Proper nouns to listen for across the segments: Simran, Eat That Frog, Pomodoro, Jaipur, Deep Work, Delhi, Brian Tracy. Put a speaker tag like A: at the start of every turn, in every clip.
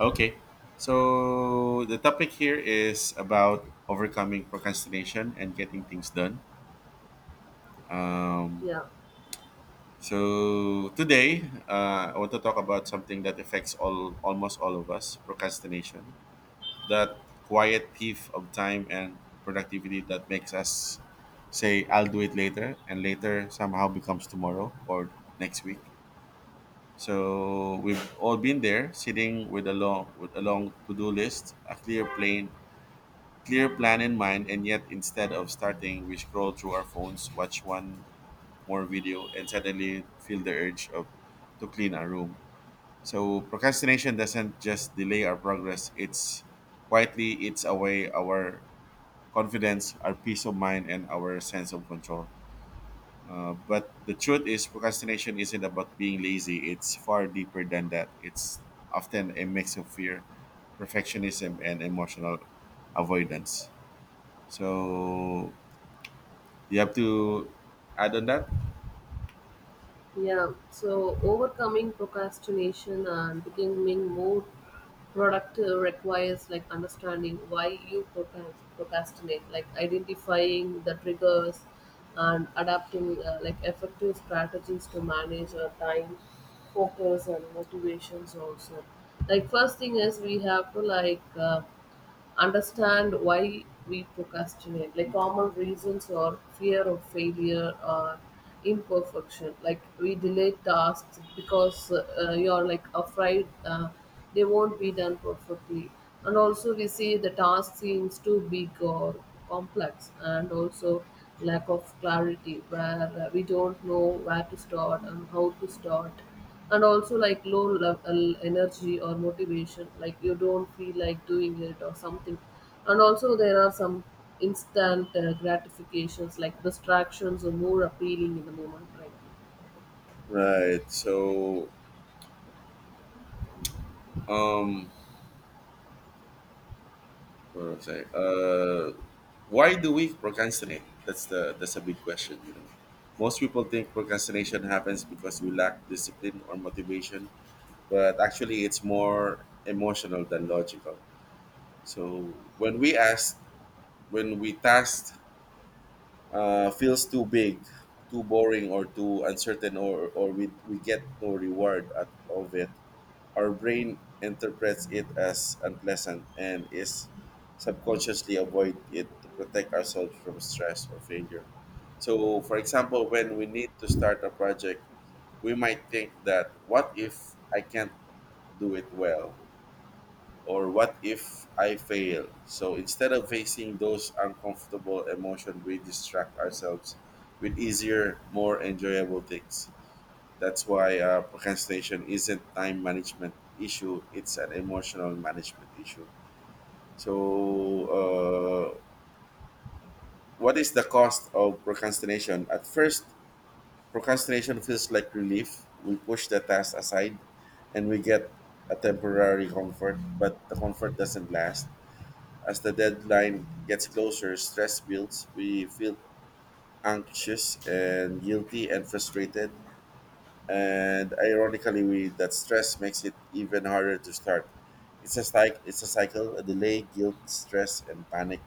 A: Okay. So the topic here is about overcoming procrastination and getting things done. Um,
B: Yeah,
A: so today, I want to talk about something that affects all almost all of us: procrastination, that quiet thief of time and productivity that makes us say, "I'll do it later," and later somehow becomes tomorrow or next week. So we've all been there, sitting with a long to-do list, a clear plan in mind, and yet, instead of starting, we scroll through our phones, watch one more video, and suddenly feel the urge of to clean our room. So procrastination doesn't just delay our progress, it's quietly eats away our confidence, our peace of mind, and our sense of control. But the truth is, procrastination isn't about being lazy. It's far deeper than that. It's often a mix of fear, perfectionism, and emotional avoidance. So you have to add on that?
B: yeah. So overcoming procrastination and becoming more productive requires like understanding why you procrastinate, like identifying the triggers and adapting like effective strategies to manage your time, focus, and motivations also. Like first thing is we have to like understand why we procrastinate, like common reasons or fear of failure or imperfection, like we delay tasks because you're like afraid they won't be done perfectly, and also we see the task seems too big or complex, and also lack of clarity where we don't know where to start and how to start, and also like low level energy or motivation, like you don't feel like doing it or something. And also there are some instant gratifications, like distractions are more appealing in the moment, right?
A: Right. Um, what was I? Why do we procrastinate? That's a big question. You know, most people think procrastination happens because we lack discipline or motivation, but actually, it's more emotional than logical. So when we task, feels too big, too boring, or too uncertain, or we get no reward out of it. Our brain interprets it as unpleasant and is subconsciously avoid it to protect ourselves from stress or failure. So, for example, when we need to start a project, we might think that, what if I can't do it well? Or what if I fail? So instead of facing those uncomfortable emotions, we distract ourselves with easier, more enjoyable things. That's why procrastination isn't time management issue; it's an emotional management issue. So, uh, what is the cost of procrastination? At first, procrastination feels like relief. We push the task aside, and we get a temporary comfort, but the comfort doesn't last. As the deadline gets closer, stress builds. We feel anxious and guilty and frustrated. And ironically we, that stress makes it even harder to start. It's just like, it's a cycle, a delay, guilt, stress, and panic,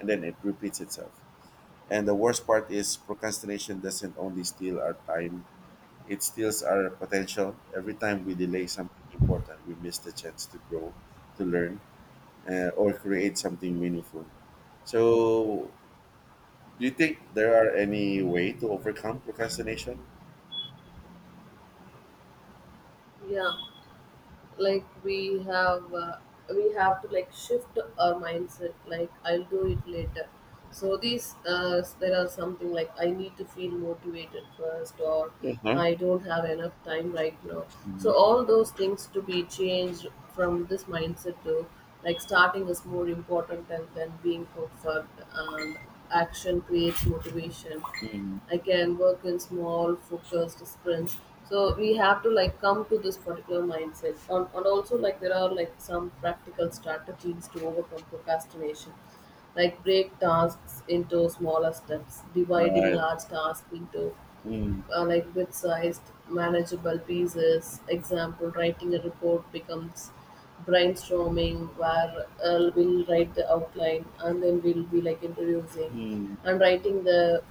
A: and then it repeats itself. And the worst part is, procrastination doesn't only steal our time, it steals our potential. Every time we delay something important, we miss the chance to grow, to learn, or create something meaningful. So do you think there are any way to overcome procrastination?
B: Yeah, like we have to like shift our mindset, like I'll do it later. So these there are something like I need to feel motivated first, or
A: Uh-huh.
B: I don't have enough time right now. So
A: Mhm.
B: all those things to be changed from this mindset to, like, starting is more important than being perfect, and action creates motivation.
A: Mhm.
B: I can work in small, focused sprints. So we have to like come to this particular mindset. And also, like there are like some practical strategies to overcome procrastination. Like break tasks into smaller steps, dividing
A: Right.
B: large tasks into
A: Mm,
B: like bit-sized, manageable pieces. Example: writing a report becomes brainstorming, where we'll write the outline, and then we'll be like introducing
A: mm,
B: and writing the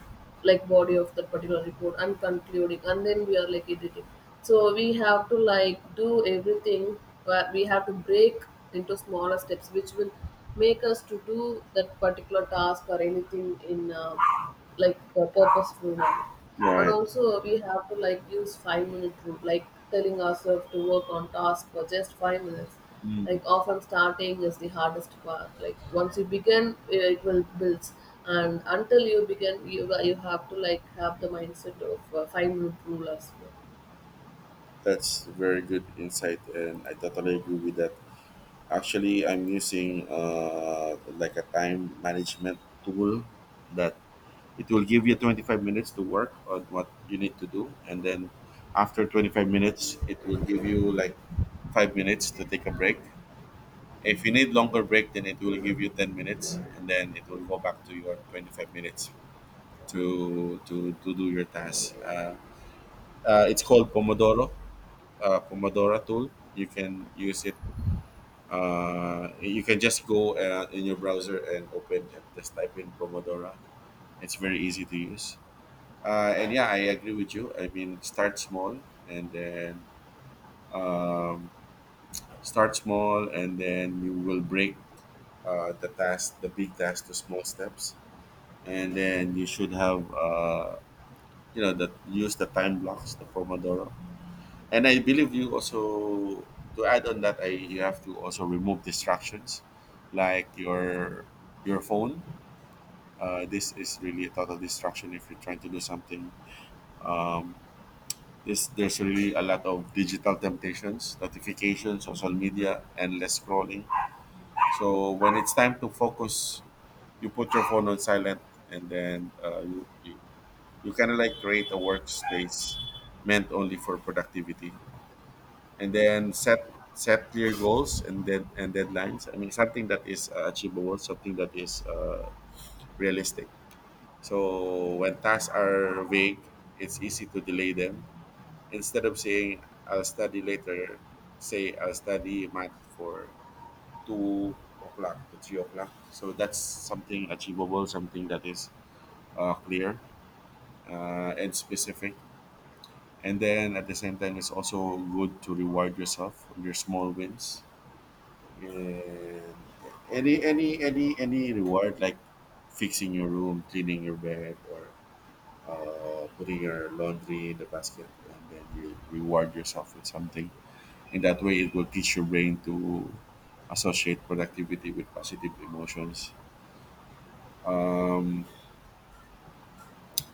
B: like body of the particular report and concluding, and then we are like editing. So we have to like do everything, but we have to break into smaller steps, which will make us to do that particular task or anything in like a purposeful manner. And
A: right.
B: also we have to like use 5 minute rule, like telling ourselves to work on task for just 5 minutes. Like often starting is the hardest part, like once you begin it will builds, and until you begin you have to like have the mindset of 5 minute rule as well.
A: That's very good insight, and I totally agree with that. Actually, I'm using like a time management tool that it will give you 25 minutes to work on what you need to do, and then after 25 minutes, it will give you like 5 minutes to take a break. If you need longer break, then it will give you 10 minutes, and then it will go back to your 25 minutes to do your task. It's called Pomodoro tool. You can use it. You can just go in your browser and open and just type in Pomodoro. It's very easy to use. And yeah, I agree with you. I mean, start small, and then, um, start small, and then you will break the task, the big task, to small steps. And then you should have, that use the time blocks, the Pomodoro. And I believe you also, to add on that, I you have to also remove distractions like your phone. This is really a total distraction if you're trying to do something. Um, this, there's really a lot of digital temptations, notifications, social media, endless scrolling. So when it's time to focus, you put your phone on silent, and then you kind of like create a workspace meant only for productivity. And then set clear goals and deadlines. I mean, something that is achievable, something that is realistic. So when tasks are vague, it's easy to delay them. Instead of saying I'll study later, say I'll study math for 2 o'clock to 3 o'clock. So that's something achievable, something that is clear and specific. And then at the same time, it's also good to reward yourself for your small wins. And any reward like fixing your room, cleaning your bed, or putting your laundry in the basket, and then you reward yourself with something. In that way, it will teach your brain to associate productivity with positive emotions.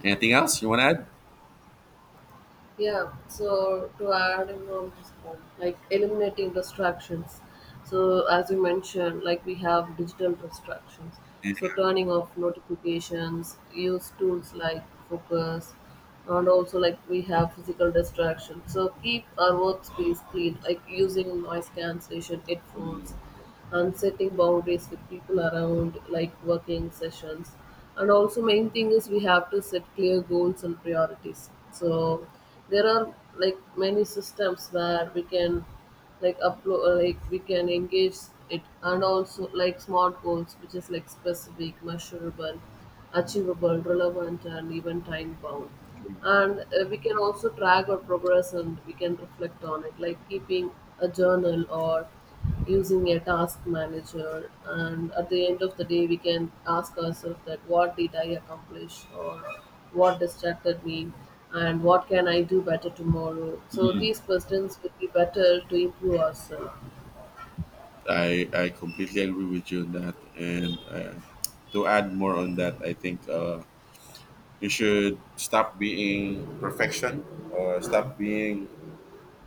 A: Anything else you want to add?
B: Yeah, so to add in on this point, like eliminating distractions. So as you mentioned, like we have digital distractions.
A: And
B: So turning off notifications, use tools like focus, and also like we have physical distractions. So keep our workspace clean, like using noise cancellation headphones and setting boundaries with people around, like working sessions. And also main thing is we have to set clear goals and priorities. So there are like many systems where we can like upload, like we can engage it, and also like smart goals, which is like specific, measurable, achievable, relevant, and even time bound. And we can also track our progress and we can reflect on it, like keeping a journal or using a task manager. And at the end of the day we can ask ourselves that what did I accomplish, or what distracted me, and what can I do better tomorrow. So these questions would be better to improve ourselves.
A: I completely agree with you on that. And to add more on that, I think you should stop being perfection, or stop being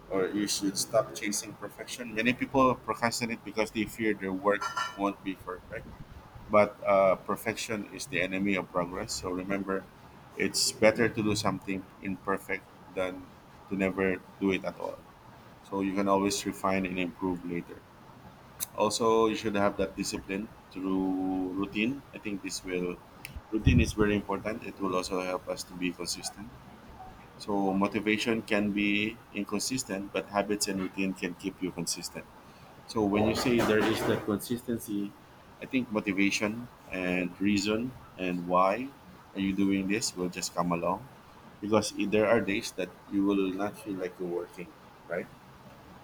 A: or you should stop chasing perfection. Many people procrastinate because they fear their work won't be perfect. But perfection is the enemy of progress. So remember, it's better to do something imperfect than to never do it at all. So you can always refine and improve later. Also, you should have that discipline through routine. I think this will Routine is very important. It will also help us to be consistent. So motivation can be inconsistent, but habits and routine can keep you consistent. So when you say there is that consistency, I think motivation and reason and why are you doing this will just come along, because there are days that you will not feel like you're working, right?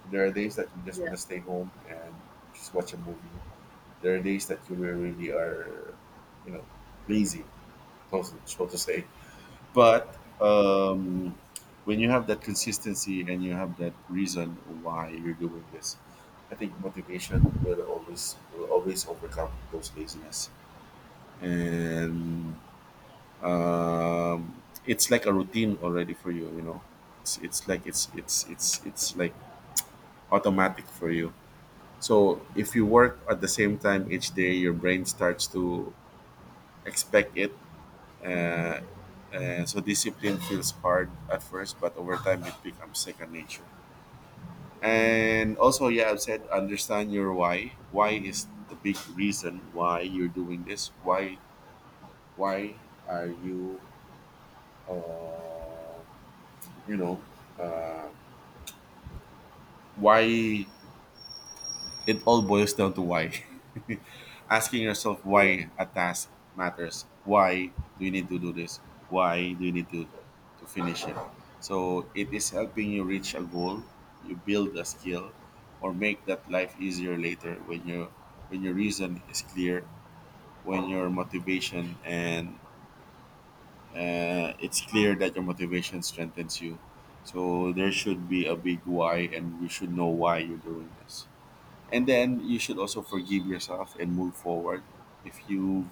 A: There are days that you just want
B: yeah
A: to stay home and just watch a movie. There are days that you really are, you know, lazy, so so to say. But when you have that consistency and you have that reason why you're doing this, I think motivation will always overcome those laziness. And it's like a routine already for you, you know. It's like It's like automatic for you. So if you work at the same time each day, your brain starts to expect it. Uh, so discipline feels hard at first, but over time it becomes second nature. And also, yeah, I've said, understand your why. Why is the big reason why you're doing this? Why are you, uh, you know, uh, why It all boils down to why. Asking yourself
B: yeah
A: why a task matters. Why do you need to do this? Why do you need to finish it? So it is helping you reach a goal, you build a skill, or make that life easier later. When your reason is clear, when your motivation and it's clear that your motivation strengthens you. So there should be a big why, and you should know why you're doing this. And then you should also forgive yourself and move forward. If you've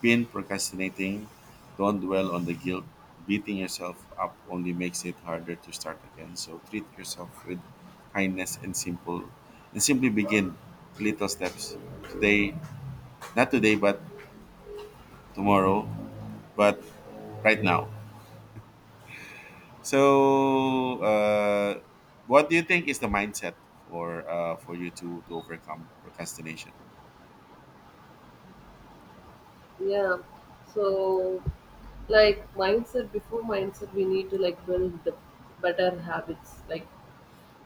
A: been procrastinating, don't dwell on the guilt. Beating yourself up only makes it harder to start again. So treat yourself with kindness, and simple and simply begin. Little steps, today, not today, but tomorrow, but right now. So, uh, what do you think is the mindset for you to overcome procrastination?
B: yeah so like mindset, before mindset we need to like build the better habits, like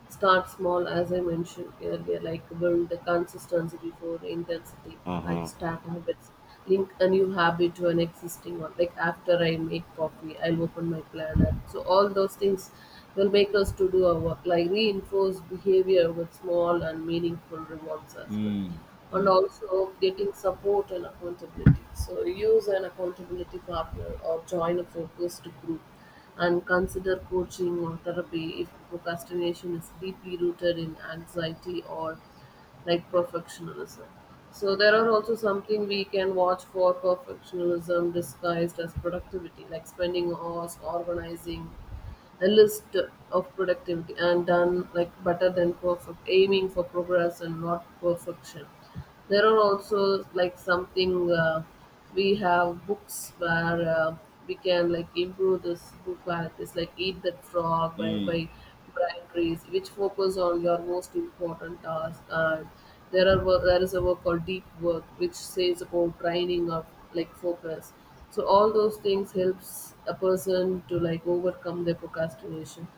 B: start small, as I mentioned earlier, like build the consistency before intensity,
A: Uh
B: like
A: huh.
B: start habits. Link a new habit to an existing one. Like after I make coffee, I'll open my planner. So all those things will make us to do our work. Like reinforce behavior with small and meaningful rewards as well.
A: Mm,
B: And also getting support and accountability. So use an accountability partner or join a focused group, and consider coaching or therapy if procrastination is deeply rooted in anxiety or like perfectionism. So there are also something we can watch for, perfectionism disguised as productivity, like spending hours organizing a list of productivity, and done like better than perfect, aiming for progress and not perfection. There are also like something we have books where we can like improve this book qualities, like Eat That Frog by
A: mm.
B: by Brian Tracy, which focus on your most important task. And there are there is a work called Deep Work, which says about training of like focus. So all those things helps a person to like overcome their procrastination.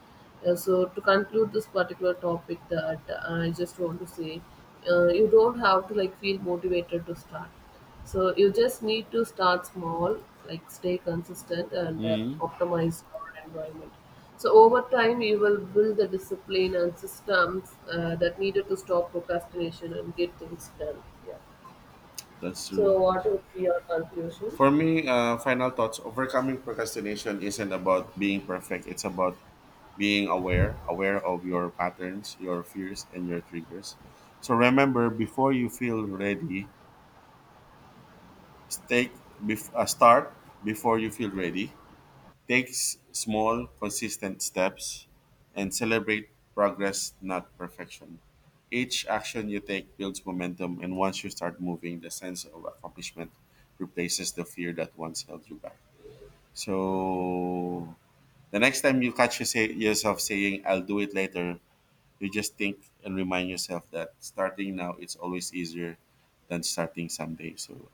B: So to conclude this particular topic, that I just want to say you don't have to like feel motivated to start, so you just need to start small, like stay consistent and
A: Mm,
B: optimize your environment. So over time you will build the discipline and systems that needed to stop procrastination and get things done. Yeah.
A: that's true.
B: So what would be your conclusion?
A: For me, final thoughts, overcoming procrastination isn't about being perfect, it's about being aware, aware of your patterns, your fears, and your triggers. So remember, before you feel ready, start before you feel ready. Take small, consistent steps and celebrate progress, not perfection. Each action you take builds momentum, and once you start moving, the sense of accomplishment replaces the fear that once held you back. So, the next time you catch yourself saying, I'll do it later, you just think and remind yourself that starting now is always easier than starting someday. So,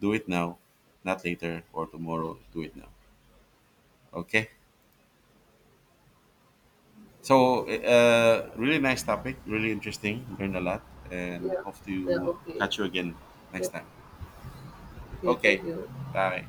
A: do it now, not later or tomorrow. Do it now. Okay? Really nice topic, really interesting. Learned a lot, and
B: yeah
A: hope to
B: yeah okay
A: catch you again
B: yeah.
A: next time.
B: Okay, thank
A: Okay,
B: you.
A: bye.